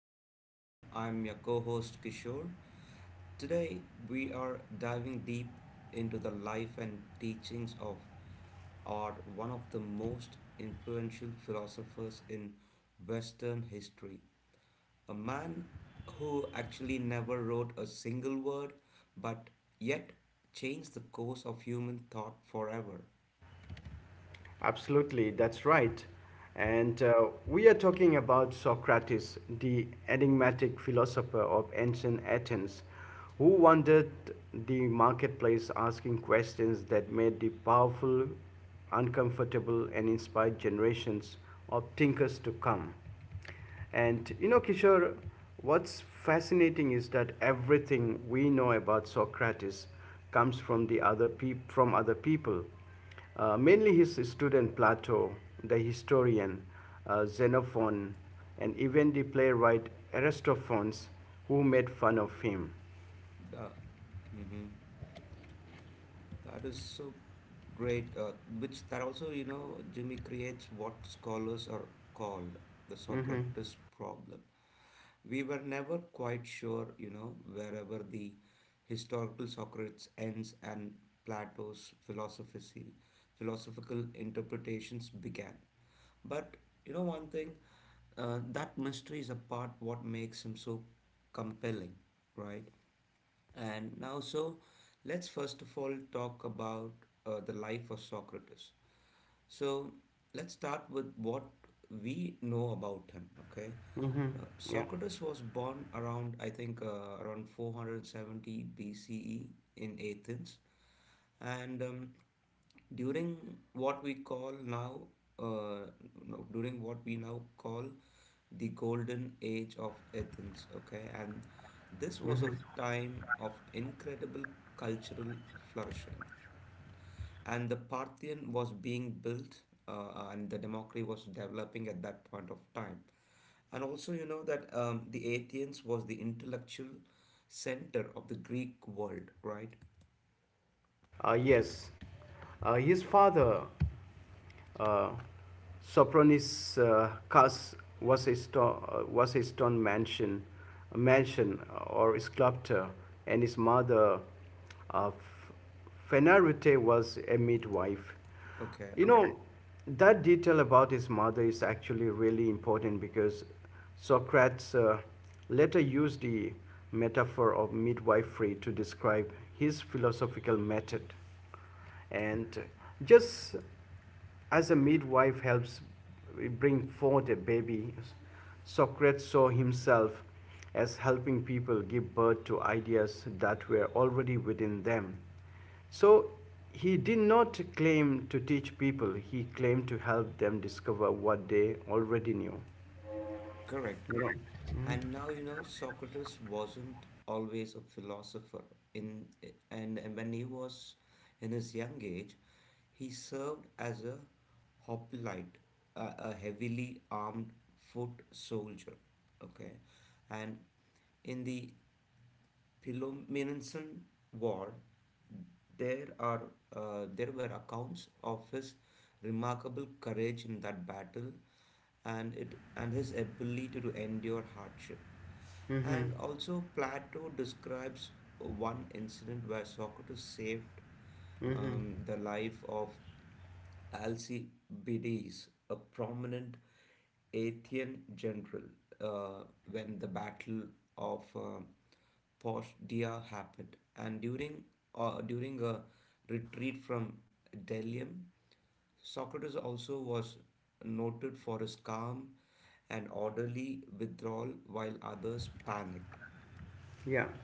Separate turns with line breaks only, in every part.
hi everyone, I'm your co host Kishore. Today we are diving deep into the life and teachings of or one of the most influential philosophers in Western history. A man who actually never wrote a single word but yet changed the course of human thought forever.
Absolutely, that's right. And we are talking about Socrates, the enigmatic philosopher of ancient Athens, who wandered the marketplace asking questions that made the powerful uncomfortable, and inspired generations of thinkers to come. And you know, Kishore, what's fascinating is that everything we know about Socrates comes from from other people, mainly his student Plato, the historian Xenophon, and even the playwright Aristophanes, who made fun of him.
The, mhm. That is so great, which that also, Jimmy, creates what scholars are called the
Mm-hmm.
Socrates problem. We were never quite sure, wherever the historical Socrates ends and Plato's philosophical interpretations began. But you know one thing, that mystery is a part what makes him so compelling, right? And now, so let's first of all talk about the life of Socrates. So let's start with what we know about him. Okay, now
Yeah.
Socrates was born around I think around 470 BCE in Athens, and during what we call now uh, no, during what we now call the golden age of Athens. Okay, and this was a time of incredible cultural flourishing, and the Parthian was being built, and the democracy was developing at that point of time. And also, you know that the Athens was the intellectual center of the Greek world, right?
Yes. His father, Uh, Sopron's, cause, was a stone mansion, a mansion or a sculpture, and his mother, uh, Fenarute, was a midwife.
Okay.
You, okay, know, that detail about his mother is actually really important because Socrates later used the metaphor of midwifery to describe his philosophical method, and just as a midwife helps bring forth a baby, Socrates saw himself as helping people give birth to ideas that were already within them. So he did not claim to teach people, he claimed to help them discover what they already knew, you know?
Correct. And now, you know, Socrates wasn't always a philosopher in and when he was in his young age, he served as a hoplite, a heavily armed foot soldier. Okay, and in the Peloponnesian War, there are there were accounts of his remarkable courage in that battle, and his ability to endure hardship.
Mm-hmm.
And also, Plato describes one incident where Socrates saved
Mm-hmm.
the life of Alcibiades, a prominent Athenian general, uh, when the Battle of Postia happened. And during a retreat from Delium, Socrates also was noted for his calm and orderly withdrawal while others panicked.
Yeah.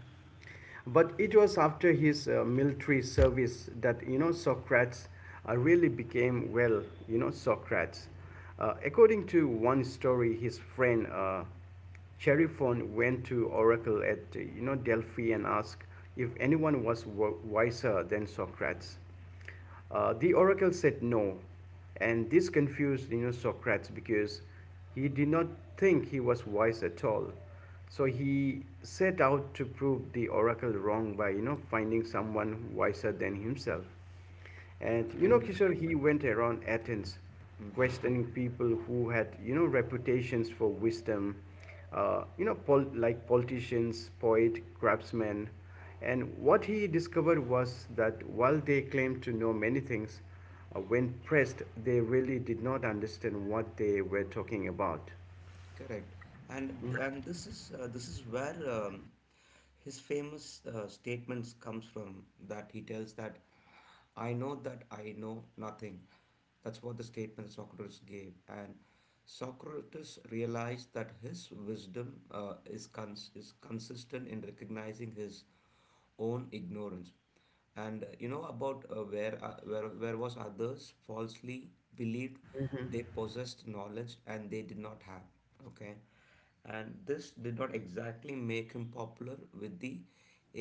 But it was after his military service that, you know, Socrates really became, well, you know, Socrates. According to one story, his friend Cheriphon went to Oracle at, you know, Delphi and asked if anyone was wiser than Socrates. The oracle said no, and this confused, you know, Socrates because he did not think he was wise at all. So he set out to prove the oracle wrong by, you know, finding someone wiser than himself. And you know,
And
Kishore, he went around Athens
mhm.
questioning people who had, you know, reputations for wisdom, you know, like politicians, poet, craftsmen. And what he discovered was that while they claimed to know many things, when pressed, they really did not understand what they were talking about.
Correct. And this is where his famous statements comes from, that he tells that, "I know that I know nothing." That's what the statement Socrates gave. And Socrates realized that his wisdom is consistent in recognizing his own ignorance, and you know about, where was others falsely believed they possessed knowledge and they did not have. Okay, and this did not exactly make him popular with the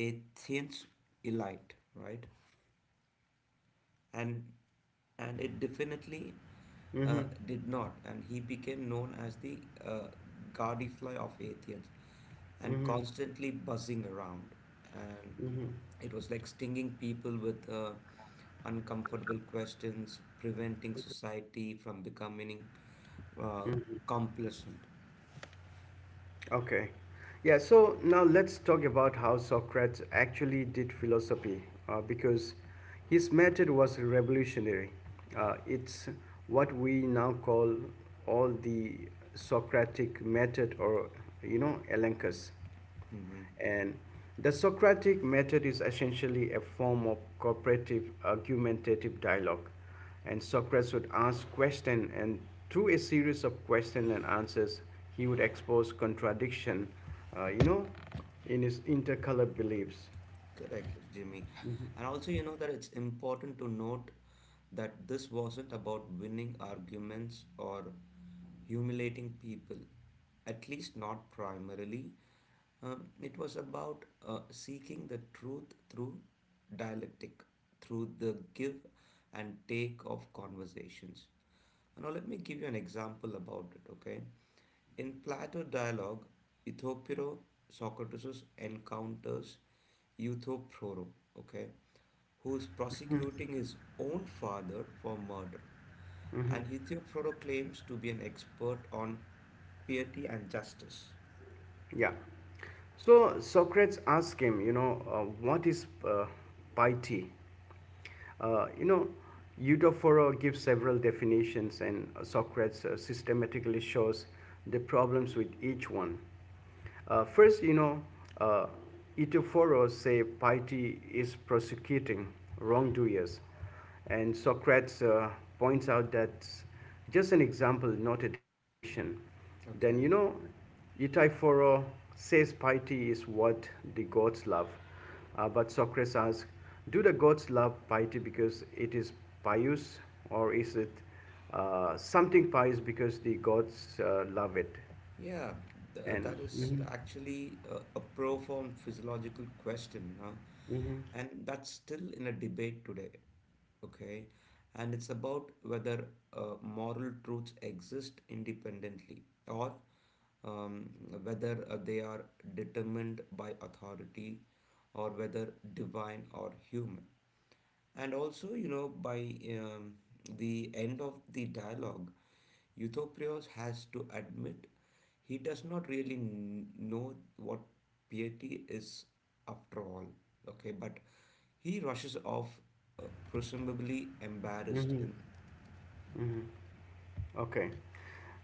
Athenians elite, right? And and it definitely,
Mm-hmm,
did not. And he became known as the Gadfly of Athens, and
mm-hmm,
constantly buzzing around. And
mm-hmm.
it was like stinging people with uncomfortable questions, preventing society from becoming uh, complacent.
Okay. Yeah, so now let's talk about how Socrates actually did philosophy, because his method was revolutionary. It's what we now call all the Socratic method, or, you know, elenchus.
Mhm.
And the Socratic method is essentially a form of cooperative argumentative dialogue. And Socrates would ask questions, and through a series of questions and answers, he would expose contradiction, you know, in his intercolor beliefs.
Correct, Jimmy. And also, you know that it's important to note that this wasn't about winning arguments or humiliating people, at least not primarily. It was about seeking the truth through dialectic, through the give and take of conversations. Now, let me give you an example about it, okay? In Plato dialogue, Euthyphro, Socrates encounters Euthyphro, okay, who is prosecuting his own father for murder. And Euthyphro claims to be an expert on piety and justice.
Yeah. So Socrates asked him, you know, what is, piety? You know, Euthyphro gives several definitions, and Socrates systematically shows the problems with each one. First, you know, uh, Eutophoros say piety is prosecuting wrongdoers, and Socrates points out that just an example, not a definition. Then,
Okay.
you know, Euthyphro says piety is what the gods love. But Socrates asks, do the gods love piety because it is pious, or is it something pious because the gods love it?
Yeah, th-
And,
that is
mhm,
actually a profound physiological question,
mhm.
and that's still in a debate today. Okay, and it's about whether moral truths exist independently, or um, whether they are determined by authority, or whether divine or human. And also, by the end of the dialogue, Euthyphro has to admit he does not really know what piety is after all. Okay, but he rushes off, presumably embarrassed. And
Okay.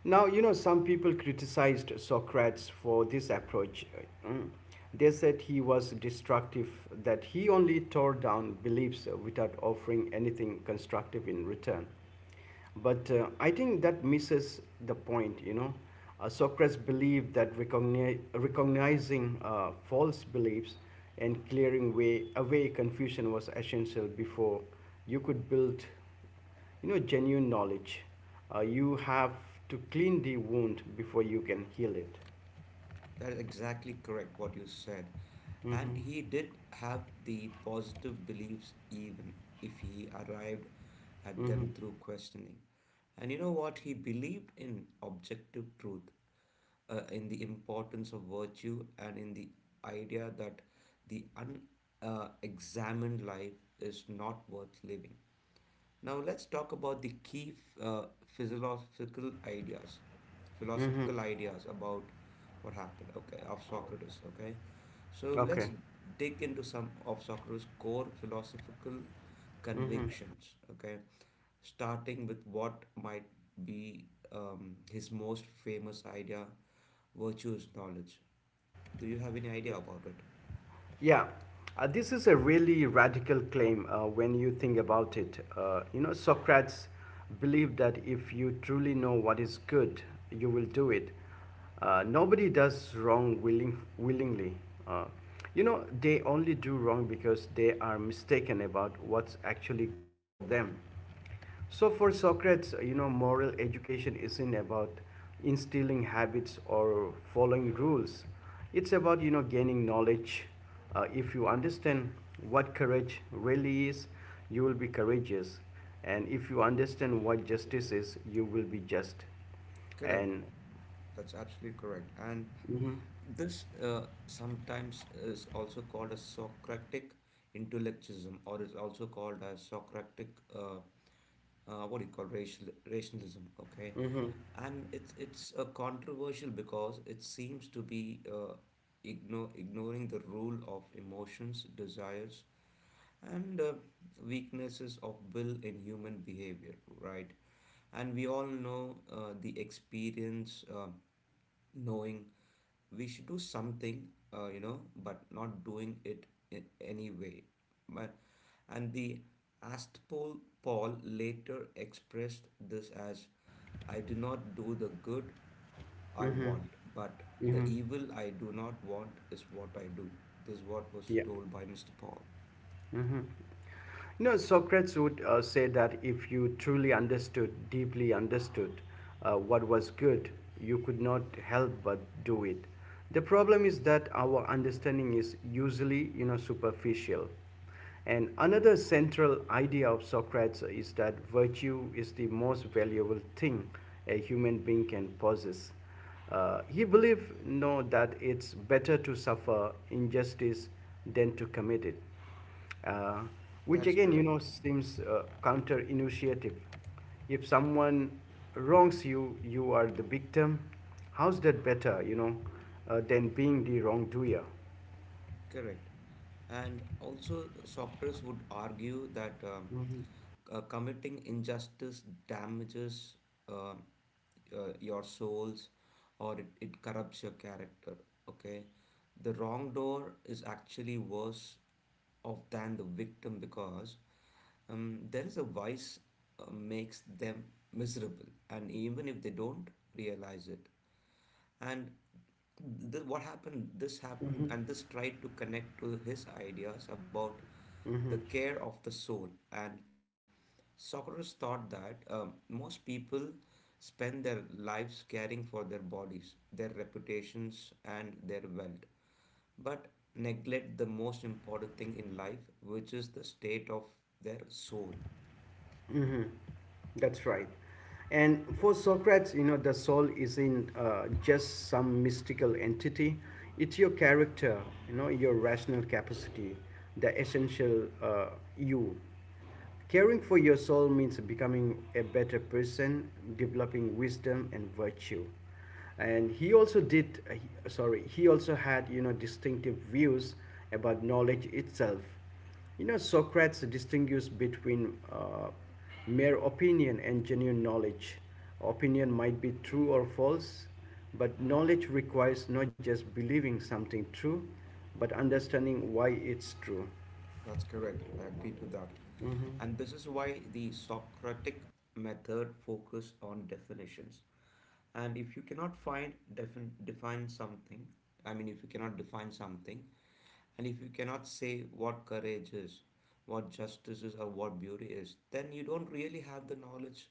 Now, you know, some people criticized Socrates for this approach. Mm. They said he was destructive, that he only tore down beliefs without offering anything constructive in return. But I think that misses the point, you know. Socrates believed that recognizing false beliefs, and clearing away confusion, was essential before you could build, you know, genuine knowledge. You have to clean the wound before you can heal it.
that is exactly correct what you said. And
Mm-hmm.
he did have the positive beliefs, even if he arrived at
Mm-hmm.
them through questioning. And you know what? He believed in objective truth, in the importance of virtue, and in the idea that the unexamined examined life is not worth living. Now, let's talk about the key uh, philosophical ideas,
Mm-hmm.
philosophical ideas about what happened. Okay, of Socrates. Okay, so let's
Okay.
dig into some of Socrates' core philosophical
Mm-hmm.
convictions. Okay, starting with what might be his most famous idea, virtues knowledge. Do you have any idea about it?
Yeah. This is a really radical claim when you think about it. You know, Socrates believed that if you truly know what is good, you will do it. Nobody does wrong willingly. Uh, you know, they only do wrong because they are mistaken about what's actually good for them. So for Socrates, you know, moral education isn't about instilling habits or following rules. It's about, you know, gaining knowledge. If you understand what courage really is, you will be courageous. And if you understand what justice is, you will be just.
Correct.
And,
That's absolutely correct. And
mm-hmm,
this sometimes is also called a Socratic intellectualism, or is also called as Socratic, uh, what do you call racial, rationalism. Okay,
mm-hmm,
and it's controversial because it seems to be ignoring the rule of emotions, desires, and weaknesses of will in human behavior, right? And we all know the experience. Knowing we should do something, but not doing it in any way, but and the astpol Paul later expressed this as, "I do not do the good I
mm-hmm,
want, but the
mm-hmm,
evil I do not want is what I do." This is what was
yeah.
told by Mr. Paul.
Mm-hmm. You know, Socrates would say that if you truly understood, deeply understood, what was good, you could not help but do it. The problem is that our understanding is usually, you know, superficial. And another central idea of Socrates is that virtue is the most valuable thing a human being can possess. He believed, no, that it's better to suffer injustice than to commit it, uh,
That
which
is
again, you
correct.
know, seems counterintuitive. If someone wrongs you, you are the victim. How's that better, you know, than being the wrongdoer?
Correct. And also, Socters would argue that committing injustice damages um your souls, or it corrupts your character. Okay. The wrongdoer is actually worse off than the victim because there is a vice, makes them miserable, and even if they don't realize it. And what happened, this happened,
Mhm.
and this tried to connect to his ideas about the
Mm-hmm.
care of the soul. And Socrates thought that most people spend their lives caring for their bodies, their reputations, and their wealth, but neglect the most important thing in life, which is the state of their soul.
Mm-hmm. That's right. And for Socrates, you know, the soul isn't just some mystical entity. It's your character, you know, your rational capacity, the essential, you. Caring for your soul means becoming a better person, developing wisdom and virtue. And he also had, you know, distinctive views about knowledge itself. You know, Socrates distinguished between mere opinion and genuine knowledge. Opinion might be true or false, but knowledge requires not just believing something true, but understanding why it's true.
That's correct. I agree to that. And this is why the Socratic method focus on definitions, and if you cannot find define define something, I mean, if you cannot define something, and if you cannot say what courage is, what justice is, or what beauty is, then you don't really have the knowledge,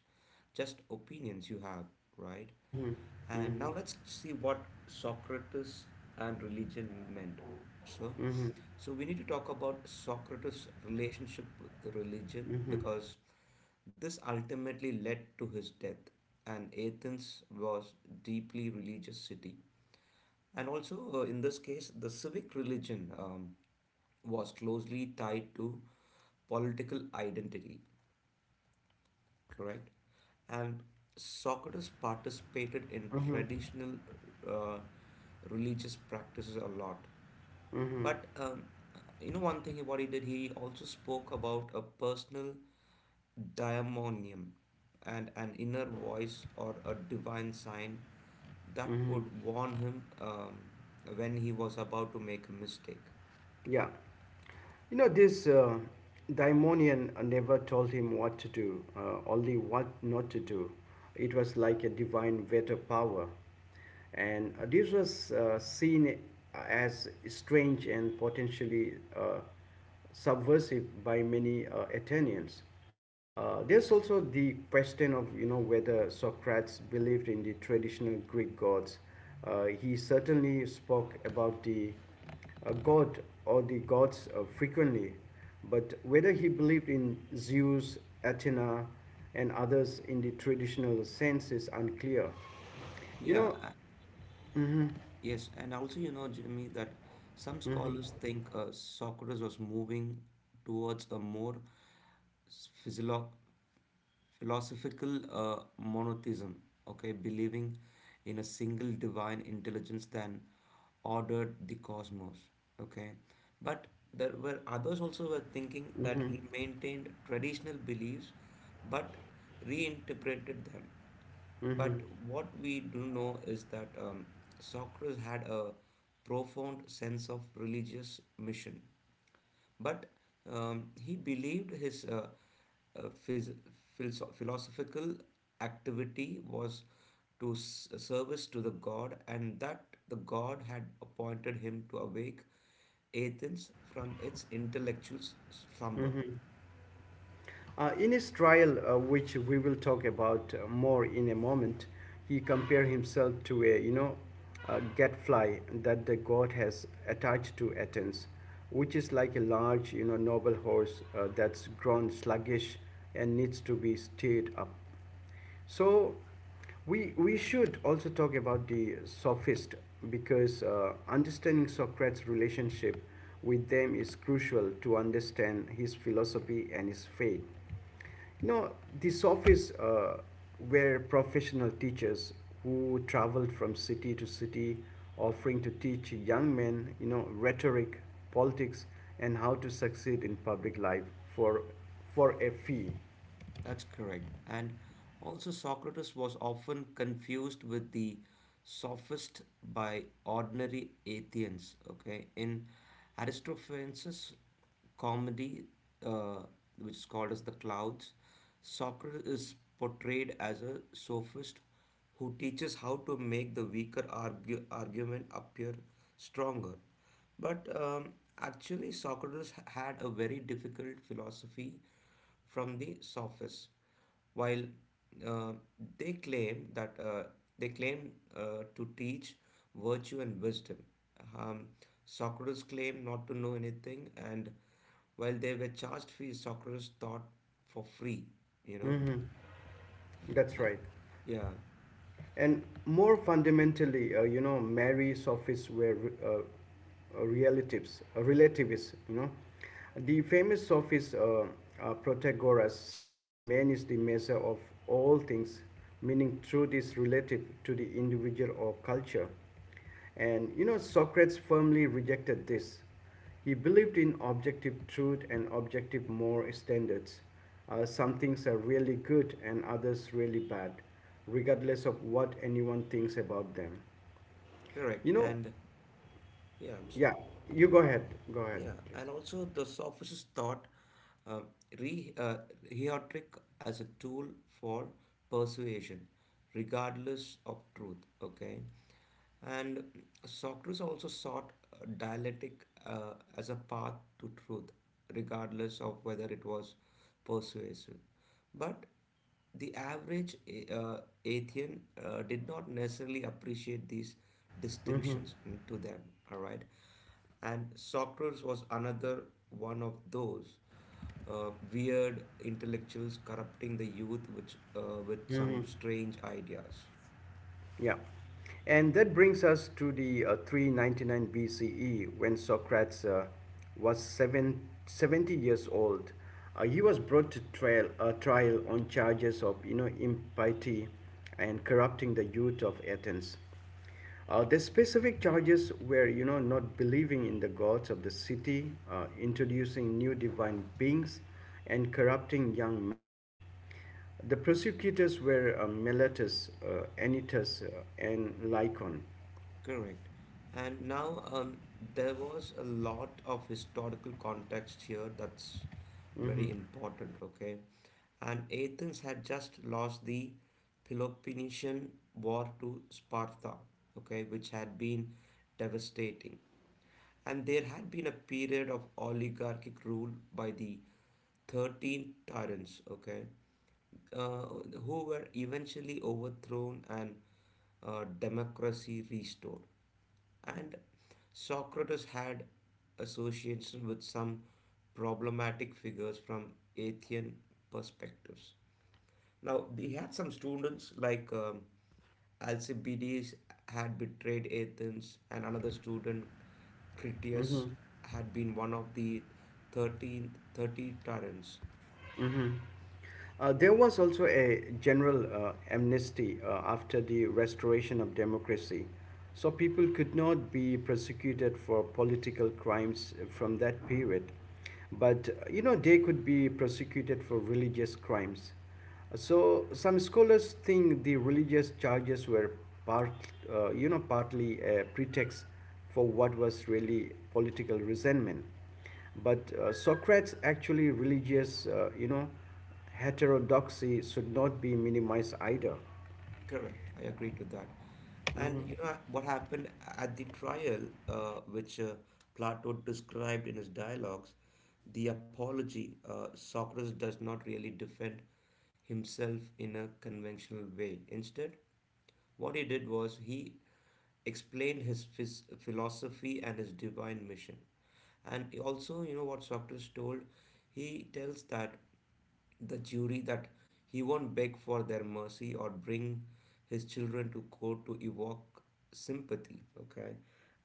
just opinions you have, right?
Mm-hmm.
And
Mm-hmm.
now let's see what Socrates and religion meant. So, so we need to talk about Socrates' relationship with religion because this ultimately led to his death, and Athens was deeply religious city. And also, in this case, the civic religion was closely tied to political identity, correct? And Socrates participated in traditional uh, religious practices a lot. But one thing what he did, he also spoke about a personal daimonium and an inner voice or a divine sign that would
Mm-hmm.
warn him when he was about to make a mistake.
Yeah. You know, this, daimonian never told him what to do, only what not to do. It was like a divine veto power. And this was seen as strange and potentially subversive by many Athenians. There's also the question of, you know, whether Socrates believed in the traditional Greek gods. He certainly spoke about the, a God, or the gods, frequently, but whether he believed in Zeus, Athena, and others in the traditional sense is unclear. You know.
Yeah,
Hmm.
yes, and also, you know, Jimmy, that some
Hmm.
scholars think Socrates was moving towards a more physio- philosophical monotheism, okay, believing in a single divine intelligence that ordered the cosmos, okay. But there were others also were thinking that
Hmm.
he maintained traditional beliefs but reinterpreted them. But
Hmm.
what we do know is that Socrates had a profound sense of religious mission. But he believed his uh, phys- philosophical activity was to service to the god, and that the god had appointed him to awake Athens from its intellectual slumber.
Hmm. In his trial, which we will talk about more in a moment, he compared himself to a you know a gadfly that the god has attached to Athens, which is like a large, you know, noble horse that's grown sluggish and needs to be stirred up. So we should also talk about the sophist, because understanding Socrates' relationship with them is crucial to understand his philosophy and his faith. You know, the sophists were professional teachers who traveled from city to city, offering to teach young men, you know, rhetoric, politics, and how to succeed in public life for for a fee.
That's correct. And also, Socrates was often confused with the sophist by ordinary Athenians. Okay, in Aristophanes' comedy, uh, which is called as The Clouds, Socrates is portrayed as a sophist who teaches how to make the weaker argument appear stronger. But actually, Socrates had a very difficult philosophy from the sophists, while uh, they claim that uh, they claim to teach virtue and wisdom. Um, Socrates claimed not to know anything, and while they were charged fees, Socrates taught for free. You know,
Hmm. That's
Uh,
right.
yeah.
And more fundamentally, you know, Mary Sophists were, relativists, you know. The famous Sophist, Protagoras said, "Man is the measure of all things," meaning truth is relative to the individual or culture. And you know, Socrates firmly rejected this. He believed in objective truth and objective moral standards. Some things are really good and others really bad, regardless of what anyone thinks about them.
Correct.
You know,
And yeah. I'm
yeah, you go ahead. Go ahead,
Yeah,
please.
and also the sophists thought uh, re rhetoric as a tool for persuasion, regardless of truth. Okay, and Socrates also sought dialectic as a path to truth, regardless of whether it was persuasive. But the average uh, Athean did not necessarily appreciate these distinctions to them, all right? And Socrates was another one of those weird intellectuals corrupting the youth, with
Mm-hmm.
some strange ideas.
Yeah. And that brings us to the 399 BCE when Socrates was 70 years old. He was brought to trial, on charges of, you know, impiety and corrupting the youth of Athens. The specific charges were, you know, not believing in the gods of the city, introducing new divine beings, and corrupting young men. The prosecutors were, Miletus, Anytus, and Lycon.
Correct. And now there was a lot of historical context here that's very
Hmm.
important, okay? And Athens had just lost the Peloponnesian War to Sparta, okay, which had been devastating. And there had been a period of oligarchic rule by the 13 tyrants, okay, uh, who were eventually overthrown and democracy restored. And Socrates had association with some problematic figures from Athenian perspectives. Now, he had some students like Alcibiades had betrayed Athens, and another student, Critias,
Hmm.
had been one of the 13 30 tyrants.
There was also a general amnesty after the restoration of democracy, so people could not be prosecuted for political crimes from that period. But you know, they could be prosecuted for religious crimes. So some scholars think the religious charges were part, you know, partly a pretext for what was really political resentment. But Socrates actually religious, you know, heterodoxy should not be minimized either.
Correct, I agree to that. And you know what happened at the trial, which Plato described in his dialogues, The Apology. Socrates does not really defend himself in a conventional way. Instead, what he did was he explained his philosophy and his divine mission. And also, you know what Socrates told? He tells that the jury that he won't beg for their mercy or bring his children to court to evoke sympathy, okay,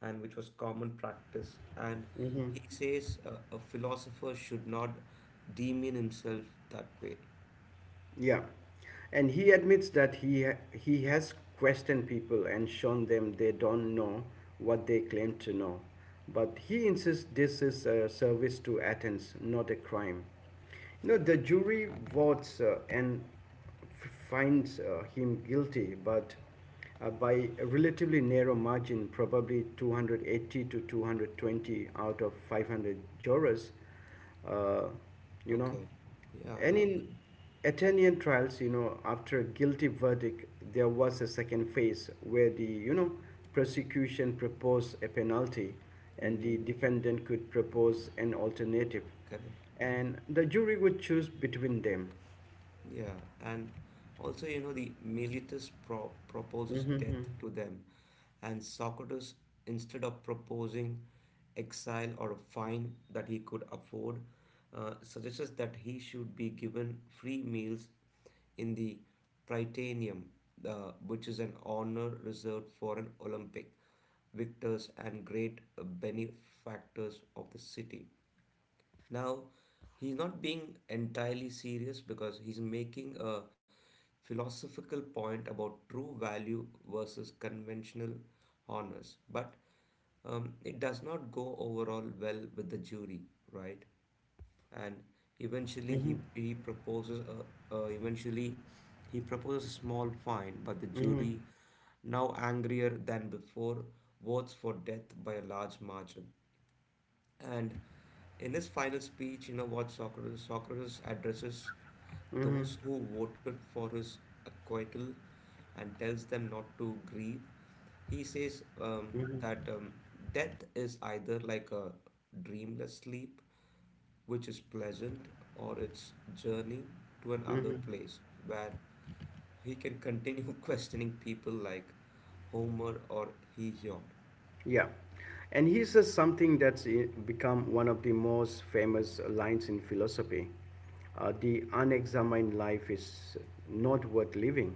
and which was common practice. And he says a philosopher should not demean himself that way,
Yeah. And he admits that he has questioned people and shown them they don't know what they claim to know. But he insists this is a service to Athens, not a crime. You know, the jury votes and finds him guilty, but, by a relatively narrow margin, probably 280 to 220 out of 500 jurors, uh, you know.
okay. Yeah,
And in Athenian trials, you know, after a guilty verdict, there was a second phase where the, you know, prosecution proposed a penalty,
yeah,
and
okay.
the defendant could propose an alternative.
Correct.
And the jury would choose between them.
Yeah, and also, you know, the Miletus proposes death
Hmm.
to them, and Socrates, instead of proposing exile or a fine that he could afford, suggests that he should be given free meals in the Prytaneum, which is an honor reserved for an Olympic victors and great benefactors of the city. Now, he's not being entirely serious because he's making a philosophical point about true value versus conventional honors, but it does not go overall well with the jury, right? And eventually, he proposes a, eventually he proposes a small fine, but the
Mm-hmm.
jury, now angrier than before, votes for death by a large margin. And in his final speech, you know what Socrates addresses
Mm-hmm.
those who voted for his acquittal and tells them not to grieve. He says
Mm-hmm.
that death is either like a dreamless sleep, which is pleasant, or its journey to another place where he can continue questioning people like Homer or Hesiod.
Yeah. And he says something that's become one of the most famous lines in philosophy. The unexamined life is not worth living.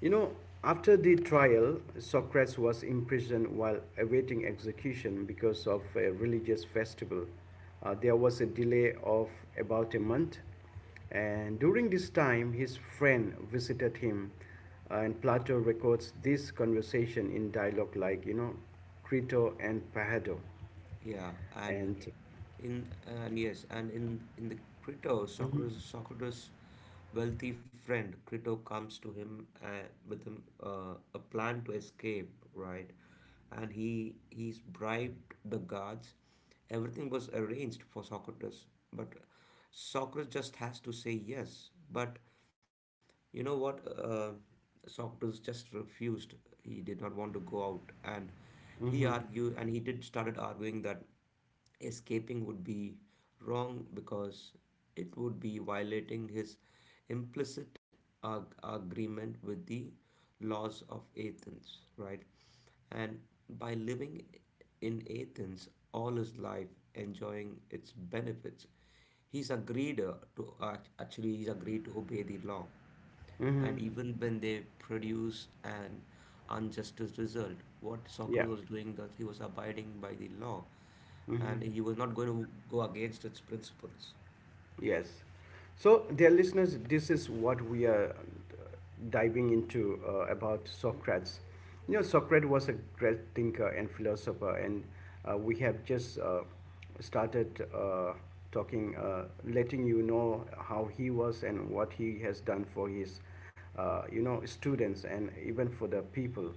You know, after the trial, Socrates was imprisoned while awaiting execution because of a religious festival. There was a delay of about a month. And during this time, his friend visited him, and Plato records this conversation in dialogue like, you know, Crito and Pahado.
Yeah, and
And,
In and yes, and in the Crito, Socrates' wealthy friend Crito comes to him with him a plan to escape, right? And he's bribed the guards. Everything was arranged for Socrates, but Socrates just has to say yes. But you know what? Socrates just refused. He did not want to go out, and he
mm-hmm,
argued, and he did started arguing that escaping would be wrong because it would be violating his implicit agreement with the laws of Athens, right? And by living in Athens all his life, enjoying its benefits, he's agreed to actually he's agreed to obey the law. And
mm-hmm,
even when they produce an unjust result, what Socrates
yeah,
was doing that he was abiding by the law and
mm-hmm,
he was not going to go against its principles.
yes. So, dear listeners, this is what we are diving into, about Socrates. You know, Socrates was a great thinker and philosopher, and we have just started talking, letting you know how he was and what he has done for his, students and even for the people.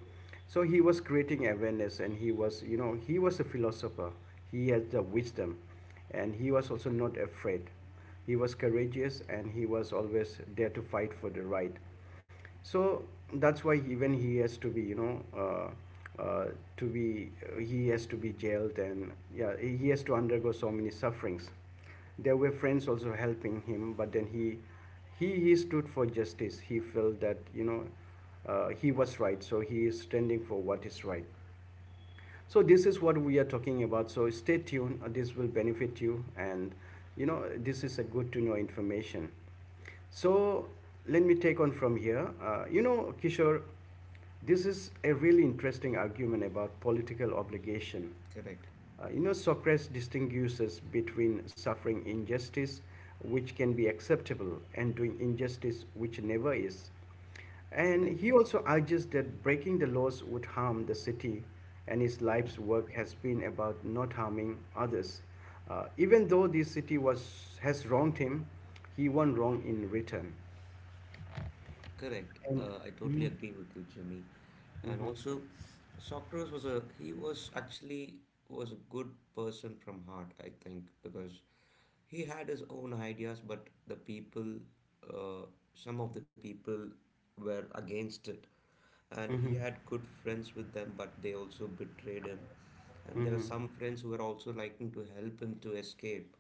So he was creating awareness, and he was a philosopher. He had the wisdom, and he was also not afraid. He was courageous, and he was always there to fight for the right, so that's why even he has to be, uh, uh, to be he has to be jailed, and yeah, he has to undergo so many sufferings. There were friends also helping him, but then he stood for justice. He felt that, he was right, so he is standing for what is right. So this is what we are talking about, so stay tuned. This will benefit you, and you know, this is a good to know information. So let me take on from here. You know, Kishore, this is a really interesting argument about political obligation.
Correct,
You know, Socrates distinguishes between suffering injustice, which can be acceptable, and doing injustice, which never is.
correct,
And he also urges that breaking the laws would harm the city, and his life's work has been about not harming others. Even though the city was has wronged him, he won wrong in return.
Correct.
And
I totally
mhm,
agree with you, Jimmy. And
mhm,
also, Socrates was a he was actually was a good person from heart, I think, because he had his own ideas, but the people, uh, some of the people were against it. And he
mhm,
had good friends with them, but they also betrayed him. And there were
mhm,
some friends who were also liking to help him to escape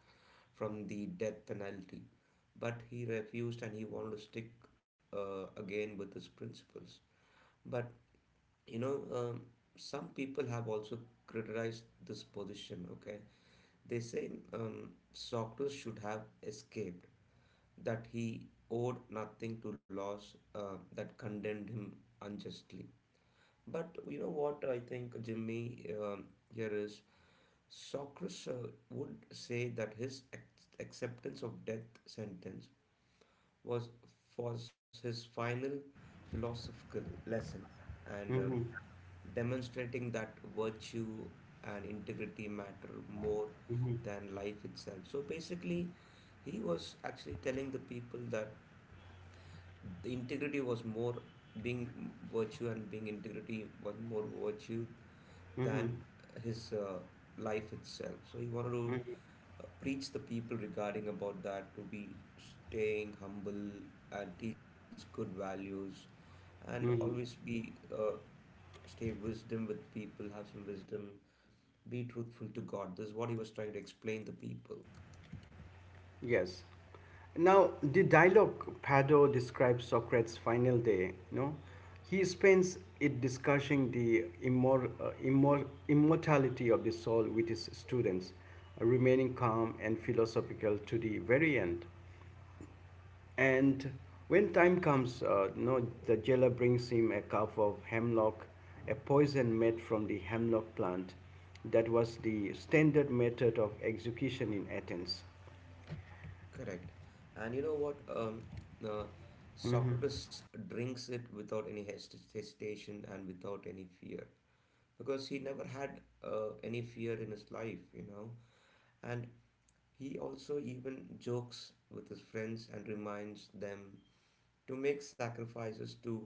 from the death penalty, but he refused and he wanted to stick again with his principles. But you know, some people have also criticized this position. Okay, they say Socrates should have escaped, that he owed nothing to laws that condemned him unjustly. But you know what I think, Jimmy, here is Socrates would say that his acceptance of death sentence was was his final philosophical lesson, and
mhm,
demonstrating that virtue and integrity matter more
mhm.
than life itself. So basically, he was actually telling the people that the integrity was more being virtue and being integrity was more virtue than
Mhm,
his life itself. So he wanted to
mhm,
preach the people regarding about that to be staying humble and teach good values and always
mhm.
be stay wisdom with people, have some wisdom, be truthful to God. This is what he was trying to explain to people.
Yes. Now, the dialogue Pado describes Socrates' final day. You know, he spends it discussing the immortality of the soul with his students, remaining calm and philosophical to the very end. And when time comes, you know, the jailer brings him a cup of hemlock, a poison made from the hemlock plant that was the standard method of execution in Athens.
Correct. And you know what? Uh, Socrates drinks it without any hesitation and without any fear because he never had any fear in his life, you know. And he also even jokes with his friends and reminds them to make sacrifices to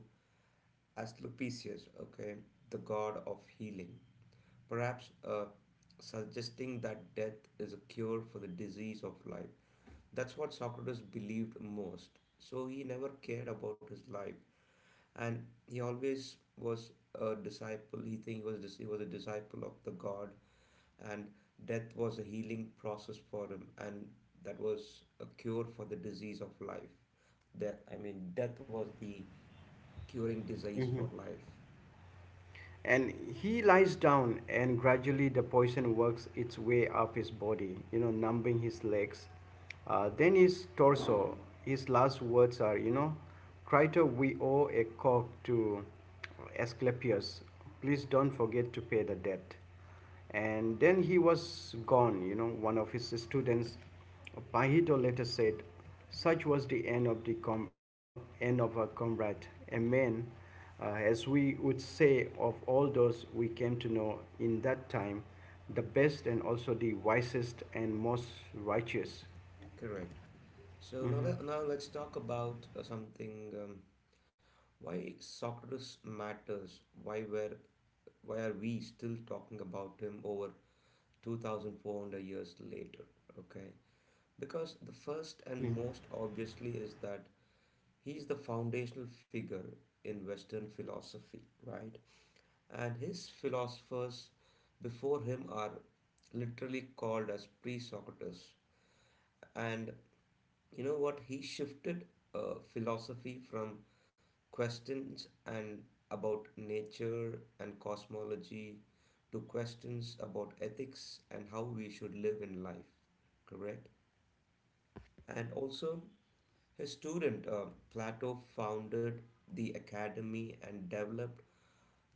Asclepius, okay, the god of healing. Perhaps suggesting that death is a cure for the disease of life. That's what Socrates believed most. So he never cared about his life, and he always was a disciple. He think he was he was a disciple of the God, and death was a healing process for him, and that was a cure for the disease of life. That I
Hmm.
mean, death was the curing disease for
Hmm.
life.
And he lies down, and gradually the poison works its way up his body, you know, numbing his legs. Then his torso. His last words are, you know, Crito, we owe a cock to Asclepius. Please don't forget to pay the debt. And then he was gone. You know, one of his students, Pahito, later said, such was the end of end of our comrade, a man, as we would say of all those we came to know in that time, the best and also the wisest and most righteous.
Correct. So
Hmm.
now let's talk about something. Why Socrates matters. Why are we still talking about him over 2400 years later? Okay, because the first and
Hmm.
most obviously is that he's the foundational figure in Western philosophy, right? And his philosophers before him are literally called as pre-Socrates. And you know what, he shifted philosophy from questions and about nature and cosmology to questions about ethics and how we should live in life, correct? And also, his student Plato founded the academy and developed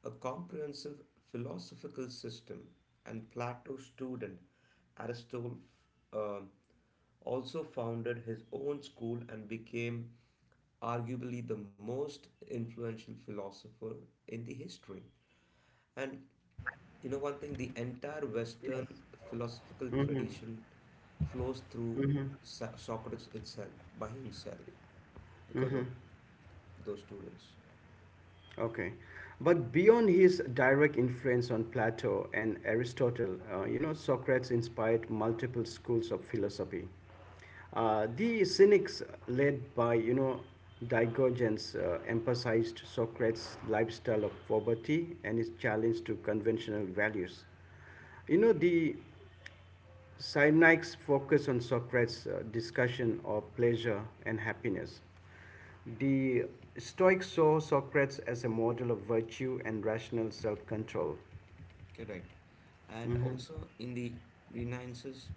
a comprehensive philosophical system. And Plato's student Aristotle uh, also founded his own school and became arguably the most influential philosopher in the history. And you know, one thing, the entire
Yes.
Western philosophical
Hmm.
tradition flows through
Hmm.
Socrates itself, by himself, because of
Hmm.
those students.
Okay. But beyond his direct influence on Plato and Aristotle, you know, Socrates inspired multiple schools of philosophy. The Cynics, led by, you know, Diogenes, emphasized Socrates' lifestyle of poverty and his challenge to conventional values. You know, the Synike's focus on Socrates' discussion of pleasure and happiness. The Stoics saw Socrates as a model of virtue and rational self control.
Correct. And also in the Renaissance,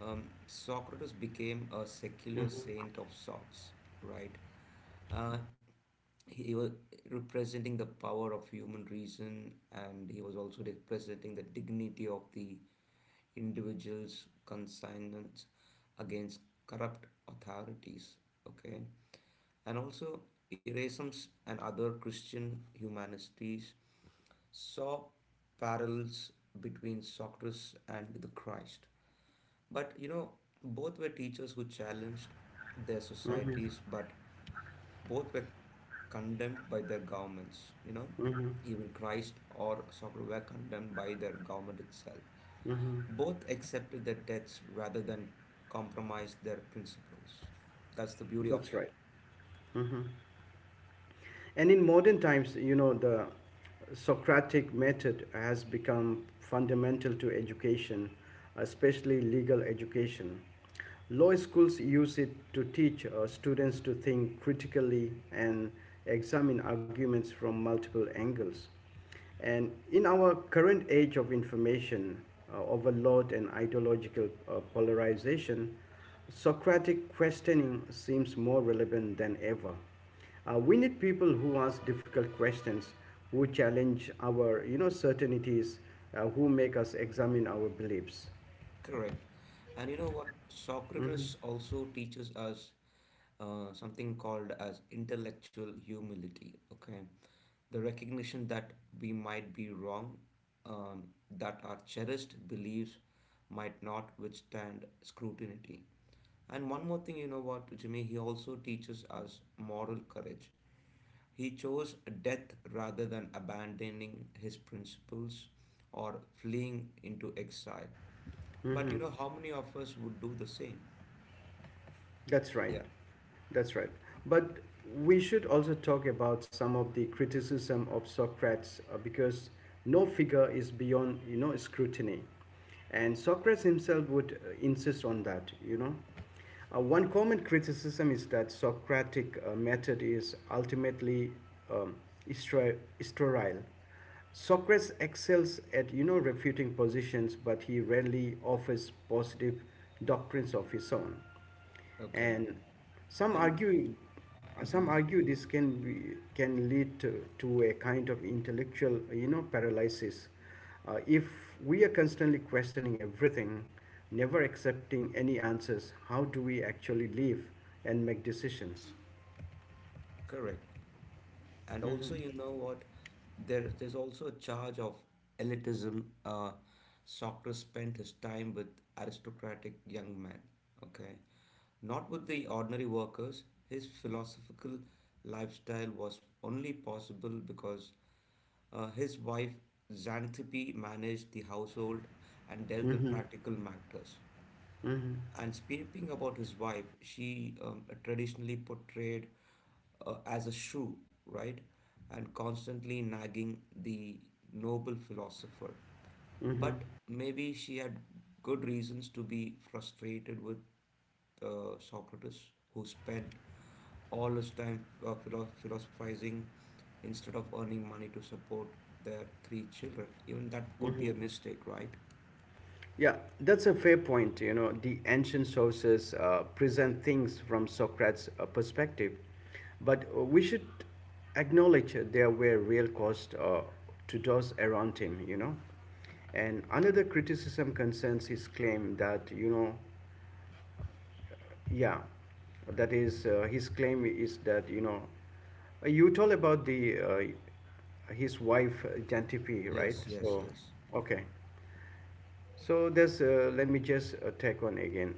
Socrates became a secular saint of sorts, right? Uh, he was representing the power of human reason, and he was also representing the dignity of the individual's conscience against corrupt authorities. Okay, and also Erasmus and other Christian humanities saw parallels between Socrates and the Christ. But you know, both were teachers who challenged their societies, but both were condemned by their governments, you know,
Mm-hmm.
even Christ or Socrates were condemned by their government itself.
Mm-hmm.
Both accepted their deaths rather than compromise their principles. That's the beauty of
That's right.
it.
Mm-hmm. And in modern times, you know, the Socratic method has become fundamental to education, especially legal education. Law schools use it to teach students to think critically and examine arguments from multiple angles. And in our current age of information, overload, and ideological polarization, Socratic questioning seems more relevant than ever. We need people who ask difficult questions, who challenge our you know certainties, who make us examine our beliefs.
Correct. And you know what? Socrates also teaches us something called as intellectual humility. Okay, the recognition that we might be wrong, um, that our cherished beliefs might not withstand scrutiny. And one more thing, you know what, Jimmy, he also teaches us moral courage. He chose death rather than abandoning his principles or fleeing into exile. But you know,
Mhm.
how many of us would do the same?
That's right.
Yeah,
That's right. But we should also talk about some of the criticism of Socrates because no figure is beyond, you know, scrutiny. And Socrates himself would insist on that, you know. One common criticism is that Socratic method is ultimately um, sterile. Socrates excels at you know refuting positions, but he rarely offers positive doctrines of his own.
okay.
And some
And
argue some
mhm,
argue this can lead to a kind of intellectual you know paralysis. If we are constantly questioning everything, never accepting any answers, how do we actually live and make decisions?
correct. And also
Mm-hmm,
you know what, there's also a charge of elitism. Socrates spent his time with aristocratic young men, okay, not with the ordinary workers. His philosophical lifestyle was only possible because his wife Xanthippe managed the household and dealt with
mm-hmm,
practical matters.
mm-hmm,
And speaking about his wife, she traditionally portrayed as a shrew, right? And constantly nagging the noble philosopher.
mm-hmm.
But maybe she had good reasons to be frustrated with Socrates, who spent all his time philosophizing instead of earning money to support their three children. Even that could be a
Mm-hmm.
mistake, right?
Yeah, that's a fair point. You know, the ancient sources present things from Socrates' perspective, but we should acknowledge there were real costs to those around him, you know. And another criticism concerns his claim that, you know, yeah, that is, his claim is that, you know, you told about the his wife, Jantipi, right?
Yes, yes,
So,
yes.
okay. So there's let me just take on again.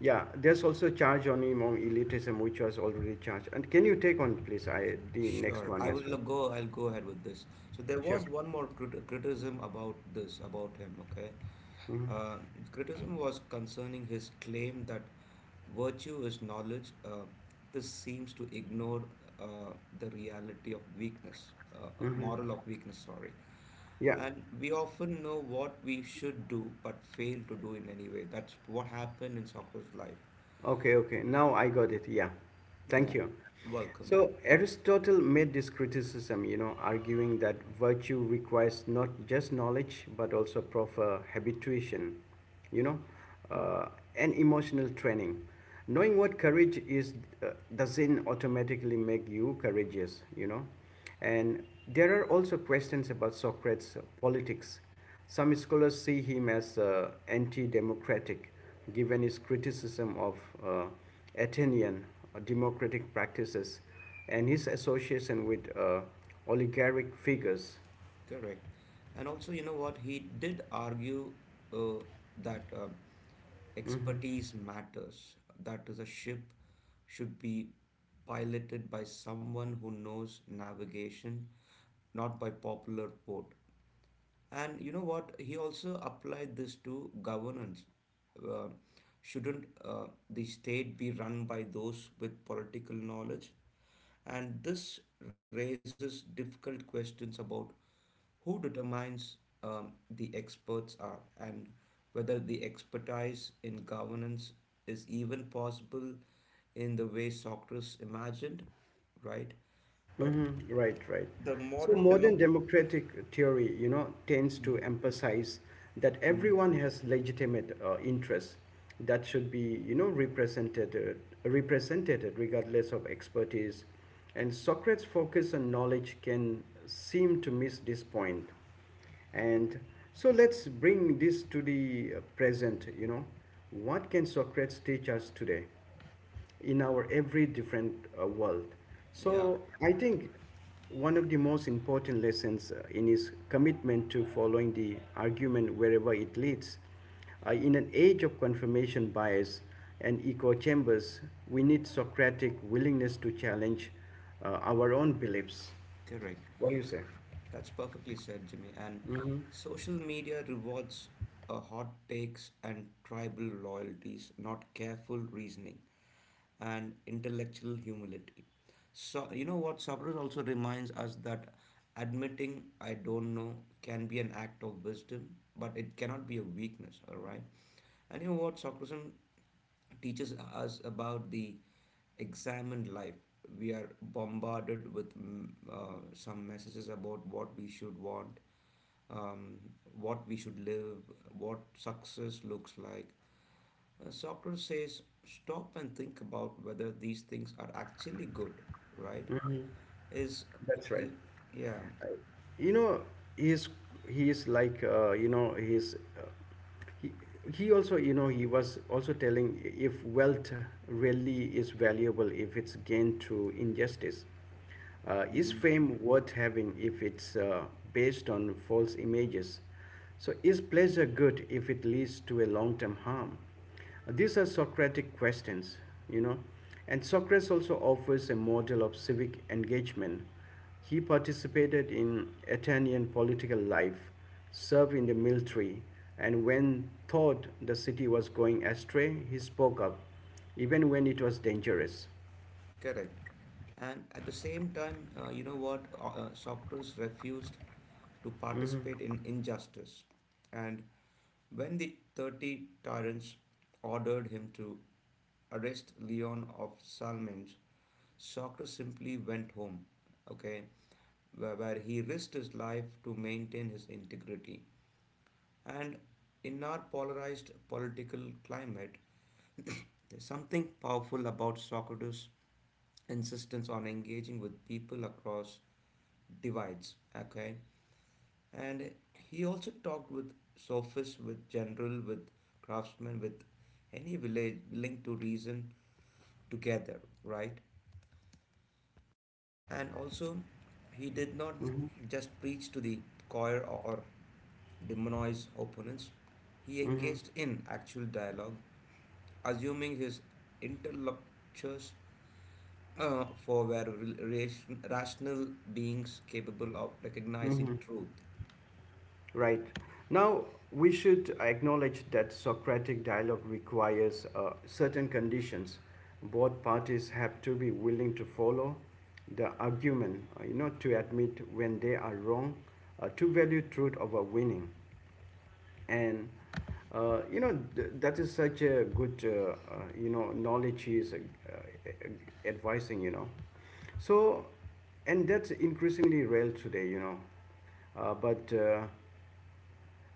Yeah, there's also charge on among elitism which was already charged. And can you take on, please? I the next
Sure,
one
I
as
will
well.
go. I'll go ahead with this. So there
Sure.
was one more criticism about this, about him. Okay,
Hmm.
uh, criticism was concerning his claim that virtue is knowledge. This seems to ignore the reality of weakness,
Hmm.
moral of weakness. Sorry,
Yeah.
and we often know what we should do but fail to do in any way. That's what happened in Socrates' life.
Okay, okay. Now I got it. Yeah. Thank
Yeah,
you.
welcome.
So Aristotle made this criticism, you know, arguing that virtue requires not just knowledge but also proper habituation, you know, uh, and emotional training. Knowing what courage is uh, doesn't automatically make you courageous, you know. And there are also questions about Socrates' politics. Some scholars see him as anti democratic, given his criticism of uh, Athenian democratic practices and his association with oligarchic figures.
Correct. And also, you know what, he did argue uh, that
Mhm.
expertise matters, that is, a ship should be piloted by someone who knows navigation, not by popular vote. And you know what? He also applied this to governance. Uh, shouldn't the state be run by those with political knowledge? And this raises difficult questions about who determines the experts are and whether the expertise in governance is even possible in the way Socrates imagined, right? But
Mm-hmm. Right, right.
the
So
modern demo.
modern democratic theory, you know, tends to
Mhm,
emphasize that
mhm.
everyone has legitimate interests that should be, you know, represented, represented regardless of expertise. And Socrates' focus on knowledge can seem to miss this point. And so let's bring this to the present, you know. What can Socrates teach us today? In our
I
every different world.
Yeah,
So I think one of the most important lessons in his commitment to following the argument wherever it leads. In an age of confirmation bias and echo chambers, we need Socratic willingness to challenge our own beliefs.
correct.
What do you say?
That's perfectly said, Jimmy. And social media rewards hot takes and tribal loyalties, not careful reasoning and intellectual humility. So, you know what? Sabra also reminds us that admitting I don't know can be an act of wisdom, but it cannot be a weakness, all right? And you know what? Socrates teaches us about the examined life. We are bombarded with some messages about what we should want, um, what we should live, what success looks like. Socrates says, stop and think about whether these things are actually good, right? Is,
That's right.
is yeah,
You know, he's he is like he, he also you know he was also telling, if wealth really is valuable if it's gained through injustice, is
hmm
fame worth having if it's based on false images, so is pleasure good if it leads to a long-term harm? These are Socratic questions, you know. And Socrates also offers a model of civic engagement. He participated in Athenian political life, served in the military, and when thought the city was going astray, he spoke up, even when it was dangerous.
correct. And at the same time, you know what? Socrates refused to participate in injustice. And when the 30 tyrants ordered him to arrest Leon of Salmins, Socrates simply went home. Okay, where he risked his life to maintain his integrity. And in our polarized political climate, there's something powerful about Socrates' insistence on engaging with people across divides. Okay, and he also talked with sophists, with general, with craftsmen, with any village willing to reason together, right? And also, he did not just preach to the choir or demonize opponents. He
Hmm.
engaged in actual dialogue, assuming his interlocutors for were rational beings capable of recognizing
Hmm.
truth.
Right. Now, we should acknowledge that Socratic dialogue requires certain conditions. Both parties have to be willing to follow the argument, you know, to admit when they are wrong, to value truth over winning. And that is such a good you know knowledge he is uh, advising you know. So and that's increasingly real today, you know. But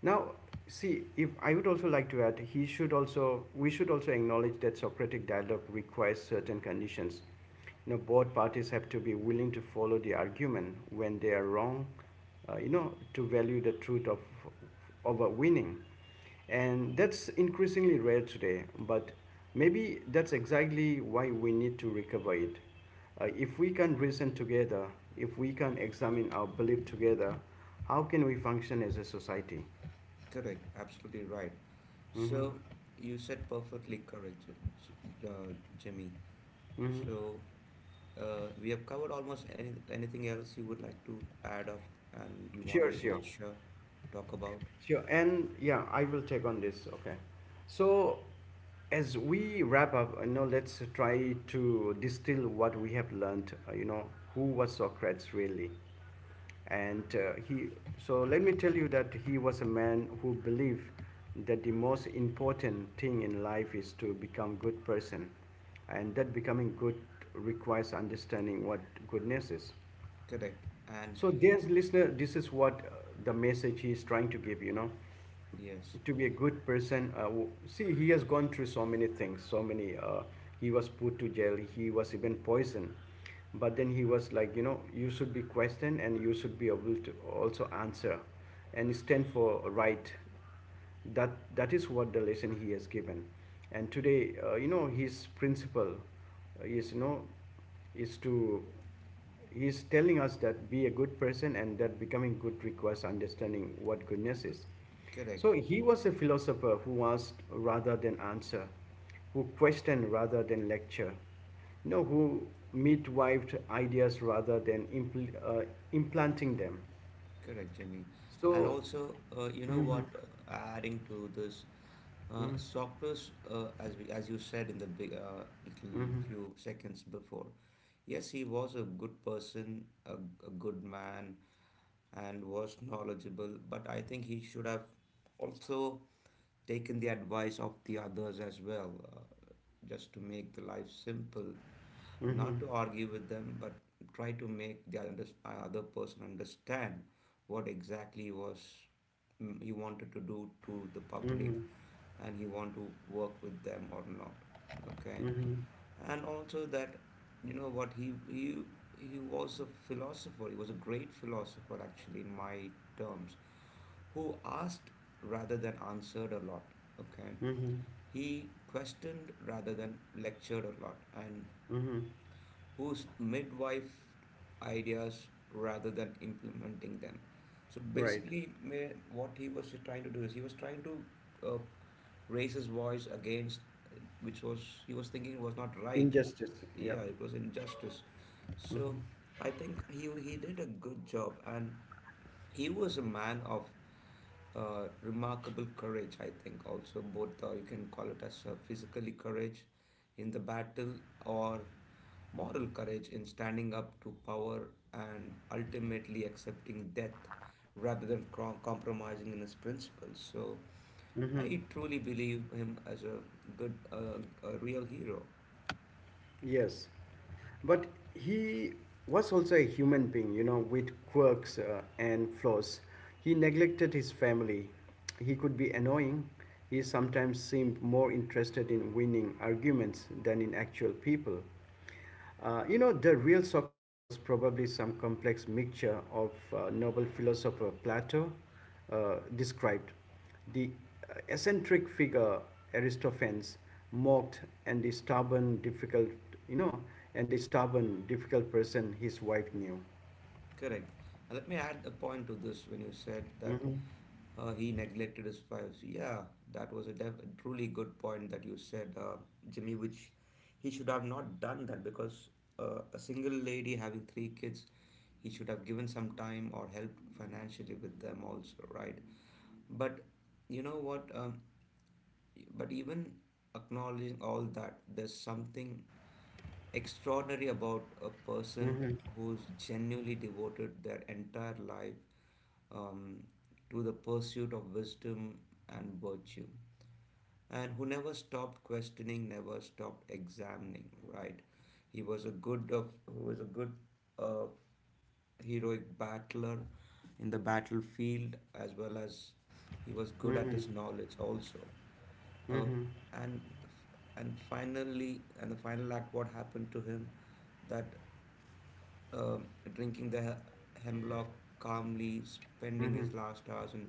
Now, see, if I would also like to add, he should also, we should also acknowledge that Socratic dialogue requires certain conditions. You know, both parties have to be willing to follow the argument when they are wrong, you know, to value the truth of over winning. And that's increasingly rare today, but maybe that's exactly why we need to recover it. If we can reason together, if we can examine our belief together, how can we function as a society?
Correct, absolutely right.
Mm-hmm.
So you said perfectly correct, Jimmy.
Mm-hmm.
So we have covered almost anything else you would like to add up and you want
Sure,
me to
sure.
talk about.
Sure. And yeah, I will take on this. Okay. So, as we wrap up, you know, let's try to distill what we have learned, you know, who was Socrates really. And so let me tell you that he was a man who believed that the most important thing in life is to become good person, and that becoming good requires understanding what goodness is.
Correct, and
So dear listener, this is what the message he is trying to give, you know,
yes,
to be a good person. See, he has gone through so many things, so many he was put to jail, he was even poisoned, but then he was like, you know, you should be questioned and you should be able to also answer and stand for right. That that is what the lesson he has given. And today, you know, his principle is, you know, is to he's telling us that be a good person and that becoming good requires understanding what goodness is. So
correct.
he was a philosopher who asked rather than answer, who questioned rather than lecture, you know, who midwifed ideas rather than implanting them.
Correct, Jimmy. And
So,
also, you know what? Adding to this,
mm,
Socrates, as we, as you said in the big little
mhm,
few seconds before, yes, he was a good person, a good man, and was knowledgeable. But I think he should have also taken the advice of the others as well, just to make the life simple, not
mhm,
to argue with them, but try to make the other person understand what exactly was, he wanted to do to the public,
mhm,
and he want to work with them or not. Okay.
mhm,
And also that, you know what, he he was a philosopher, he was a great philosopher actually in my terms, who asked rather than answered a lot. Okay.
mhm,
He questioned rather than lectured a lot, and
mhm,
whose midwife ideas rather than implementing them. So
right,
basically, may what he was trying to do is he was trying to, uh, raise his voice against, which was he was thinking was not right.
injustice. Yeah.
Yeah, it was injustice. So I think he did a good job, and he was a man of remarkable courage, I think. Also, both, you can call it as physically courage in the battle or moral courage in standing up to power and ultimately accepting death rather than compromising in his principles. So
Hmm.
I truly believe him as a good, a real hero.
Yes. But he was also a human being, you know, with quirks and flaws. He neglected his family. He could be annoying. He sometimes seemed more interested in winning arguments than in actual people. You know, the real Socrates was probably some complex mixture of noble philosopher Plato described. The eccentric figure Aristophanes mocked, and the stubborn, difficult, you know, and the stubborn, difficult person his wife knew.
Correct. And let me add a point to this when you said that
Mm-hmm,
he neglected his fives. Yeah, that was a truly good point that you said, Jimmy, which he should have not done that, because a single lady having 3 kids, he should have given some time or helped financially with them also, right? But you know what? But even acknowledging all that, there's something extraordinary about a person
mm-hmm,
who's genuinely devoted their entire life um, to the pursuit of wisdom and virtue, and who never stopped questioning, never stopped examining, right? He was a good, uh, heroic battler in the battlefield, as well as he was good at
mm-hmm,
his knowledge also. Now,
mm-hmm,
and and finally, and the final act, what happened to him, that, um, drinking the hemlock calmly, spending
mm-hmm.
his last hours in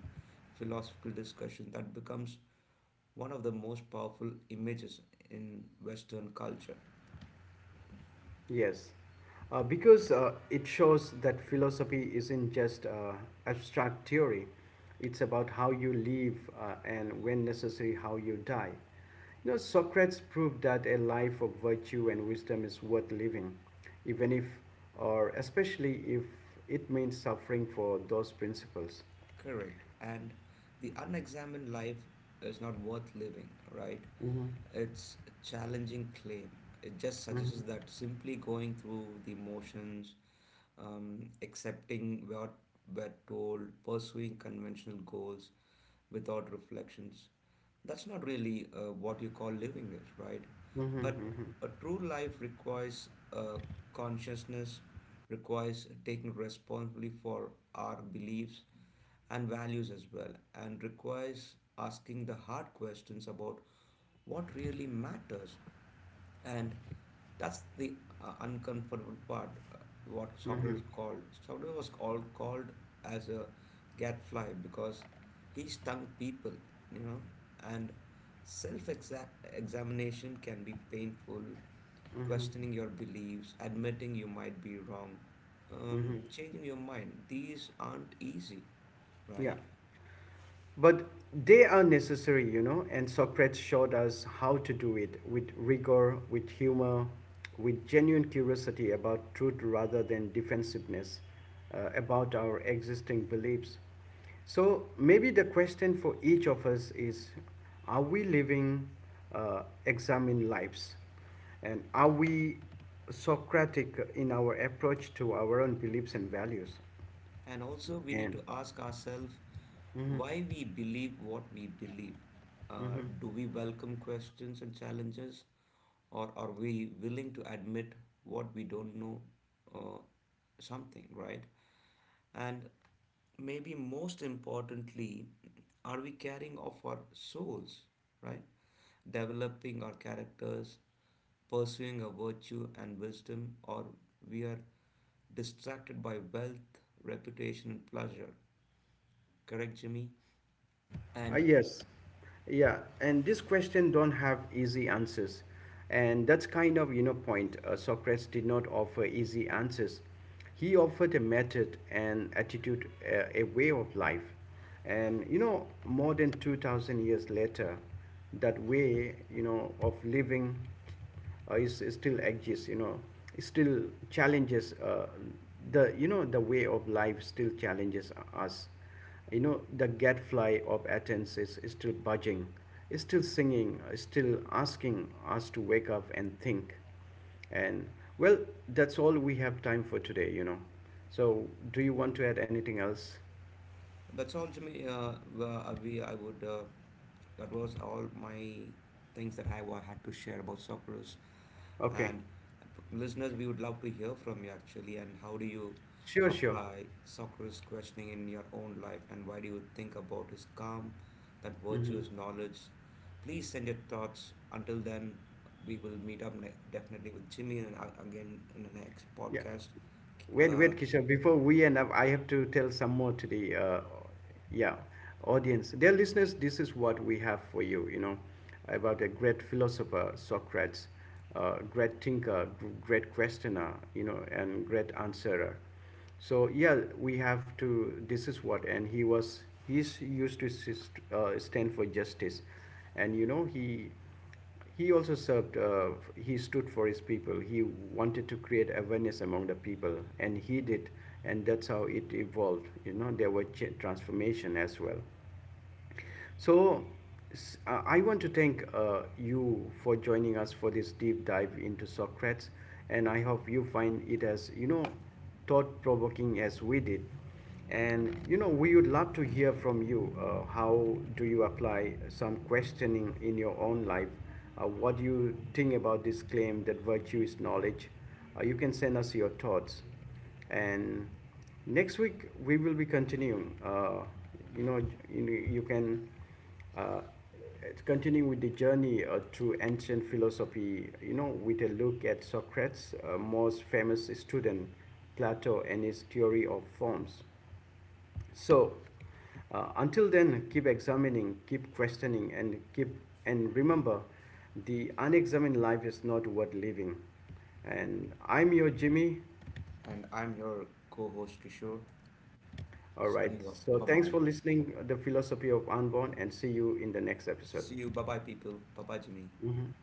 philosophical discussion, that becomes one of the most powerful images in Western culture.
Yes, because it shows that philosophy isn't just abstract theory. It's about how you live and, when necessary, how you die. You know, Socrates proved that a life of virtue and wisdom is worth living, even if, or especially if, it means suffering for those principles.
Correct. And the unexamined life is not worth living, right?
Mm-hmm.
It's a challenging claim. It just suggests
Mm-hmm.
that simply going through the motions, accepting what we're told, pursuing conventional goals without reflections, that's not really what you call living is, right? But
Mm-hmm.
a true life requires consciousness, requires taking responsibility for our beliefs and values as well, and requires asking the hard questions about what really matters, and that's the uncomfortable part, what
Mm-hmm.
Socrates was called as a gadfly, because he stung people, you know. And self examination can be painful.
Mm-hmm.
Questioning your beliefs, admitting you might be wrong,
Mm-hmm.
changing your mind, these aren't easy,
Yeah.
right?
But they are necessary, you know, and Socrates showed us how to do it with rigor, with humor, with genuine curiosity about truth rather than defensiveness about our existing beliefs. So maybe the question for each of us is, are we living examined lives? And are we Socratic in our approach to our own beliefs and values?
And also we need
And
to ask ourselves,
mhm,
why we believe what we believe?
mhm.
Do we welcome questions and challenges, or are we willing to admit what we don't know? Uh, Something, right? And maybe most importantly, are we carrying off our souls, right? Developing our characters, pursuing a virtue and wisdom, or we are distracted by wealth, reputation, and pleasure. Correct, Jimmy? And
Yes, yeah, and this question don't have easy answers, and that's kind of you know point. Socrates did not offer easy answers. He offered a method, an attitude, a way of life, and you know, more than 2,000 years later, that way you know of living is still exists, you know, still challenges the you know the way of life still challenges us, you know. The gadfly of Athens is still budging, is still singing, is still asking us to wake up and think. And well, that's all we have time for today, you know. So do you want to add anything else?
that's all, Jimmy. Well, we, I would. That was all my things that I had to share about Socrates.
Okay.
And listeners, we would love to hear from you actually. And how do you
Sure, sure.
apply Socrates' questioning in your own life? And why do you think about his calm, that
Mm-hmm.
virtuous knowledge? Please send your thoughts. Until then, we will meet up definitely with Jimmy and again in the next
Yeah.
podcast.
Wait,
Uh,
wait, Kishore, before we end up, I have to tell some more to the, yeah, audience. Dear listeners, this is what we have for you, you know, about a great philosopher, Socrates, great thinker, great questioner, you know, and great answerer. So yeah, we have to, this is what, and he was, he's used to stand for justice. And you know, he also served, he stood for his people. He wanted to create awareness among the people, and he did, and that's how it evolved. You know, there were transformation as well. So, I want to thank you for joining us for this deep dive into Socrates, and I hope you find it as you know thought-provoking as we did. And you know, we would love to hear from you. How do you apply some questioning in your own life? What do you think about this claim that virtue is knowledge? You can send us your thoughts, and next week we will be continuing, you know, you can uh, continue with the journey through ancient philosophy, you know, with a look at Socrates' most famous student, Plato, and his theory of forms. So until then, keep examining, keep questioning, and keep and remember, the unexamined life is not worth living. And I'm your Jimmy.
and I'm your co-host Kishore.
All right.
Signing off.
So
Bye
thanks
bye.
for listening the philosophy of unborn and see you in the next episode.
See you. Bye bye, people. Bye bye, Jimmy.
Mhm.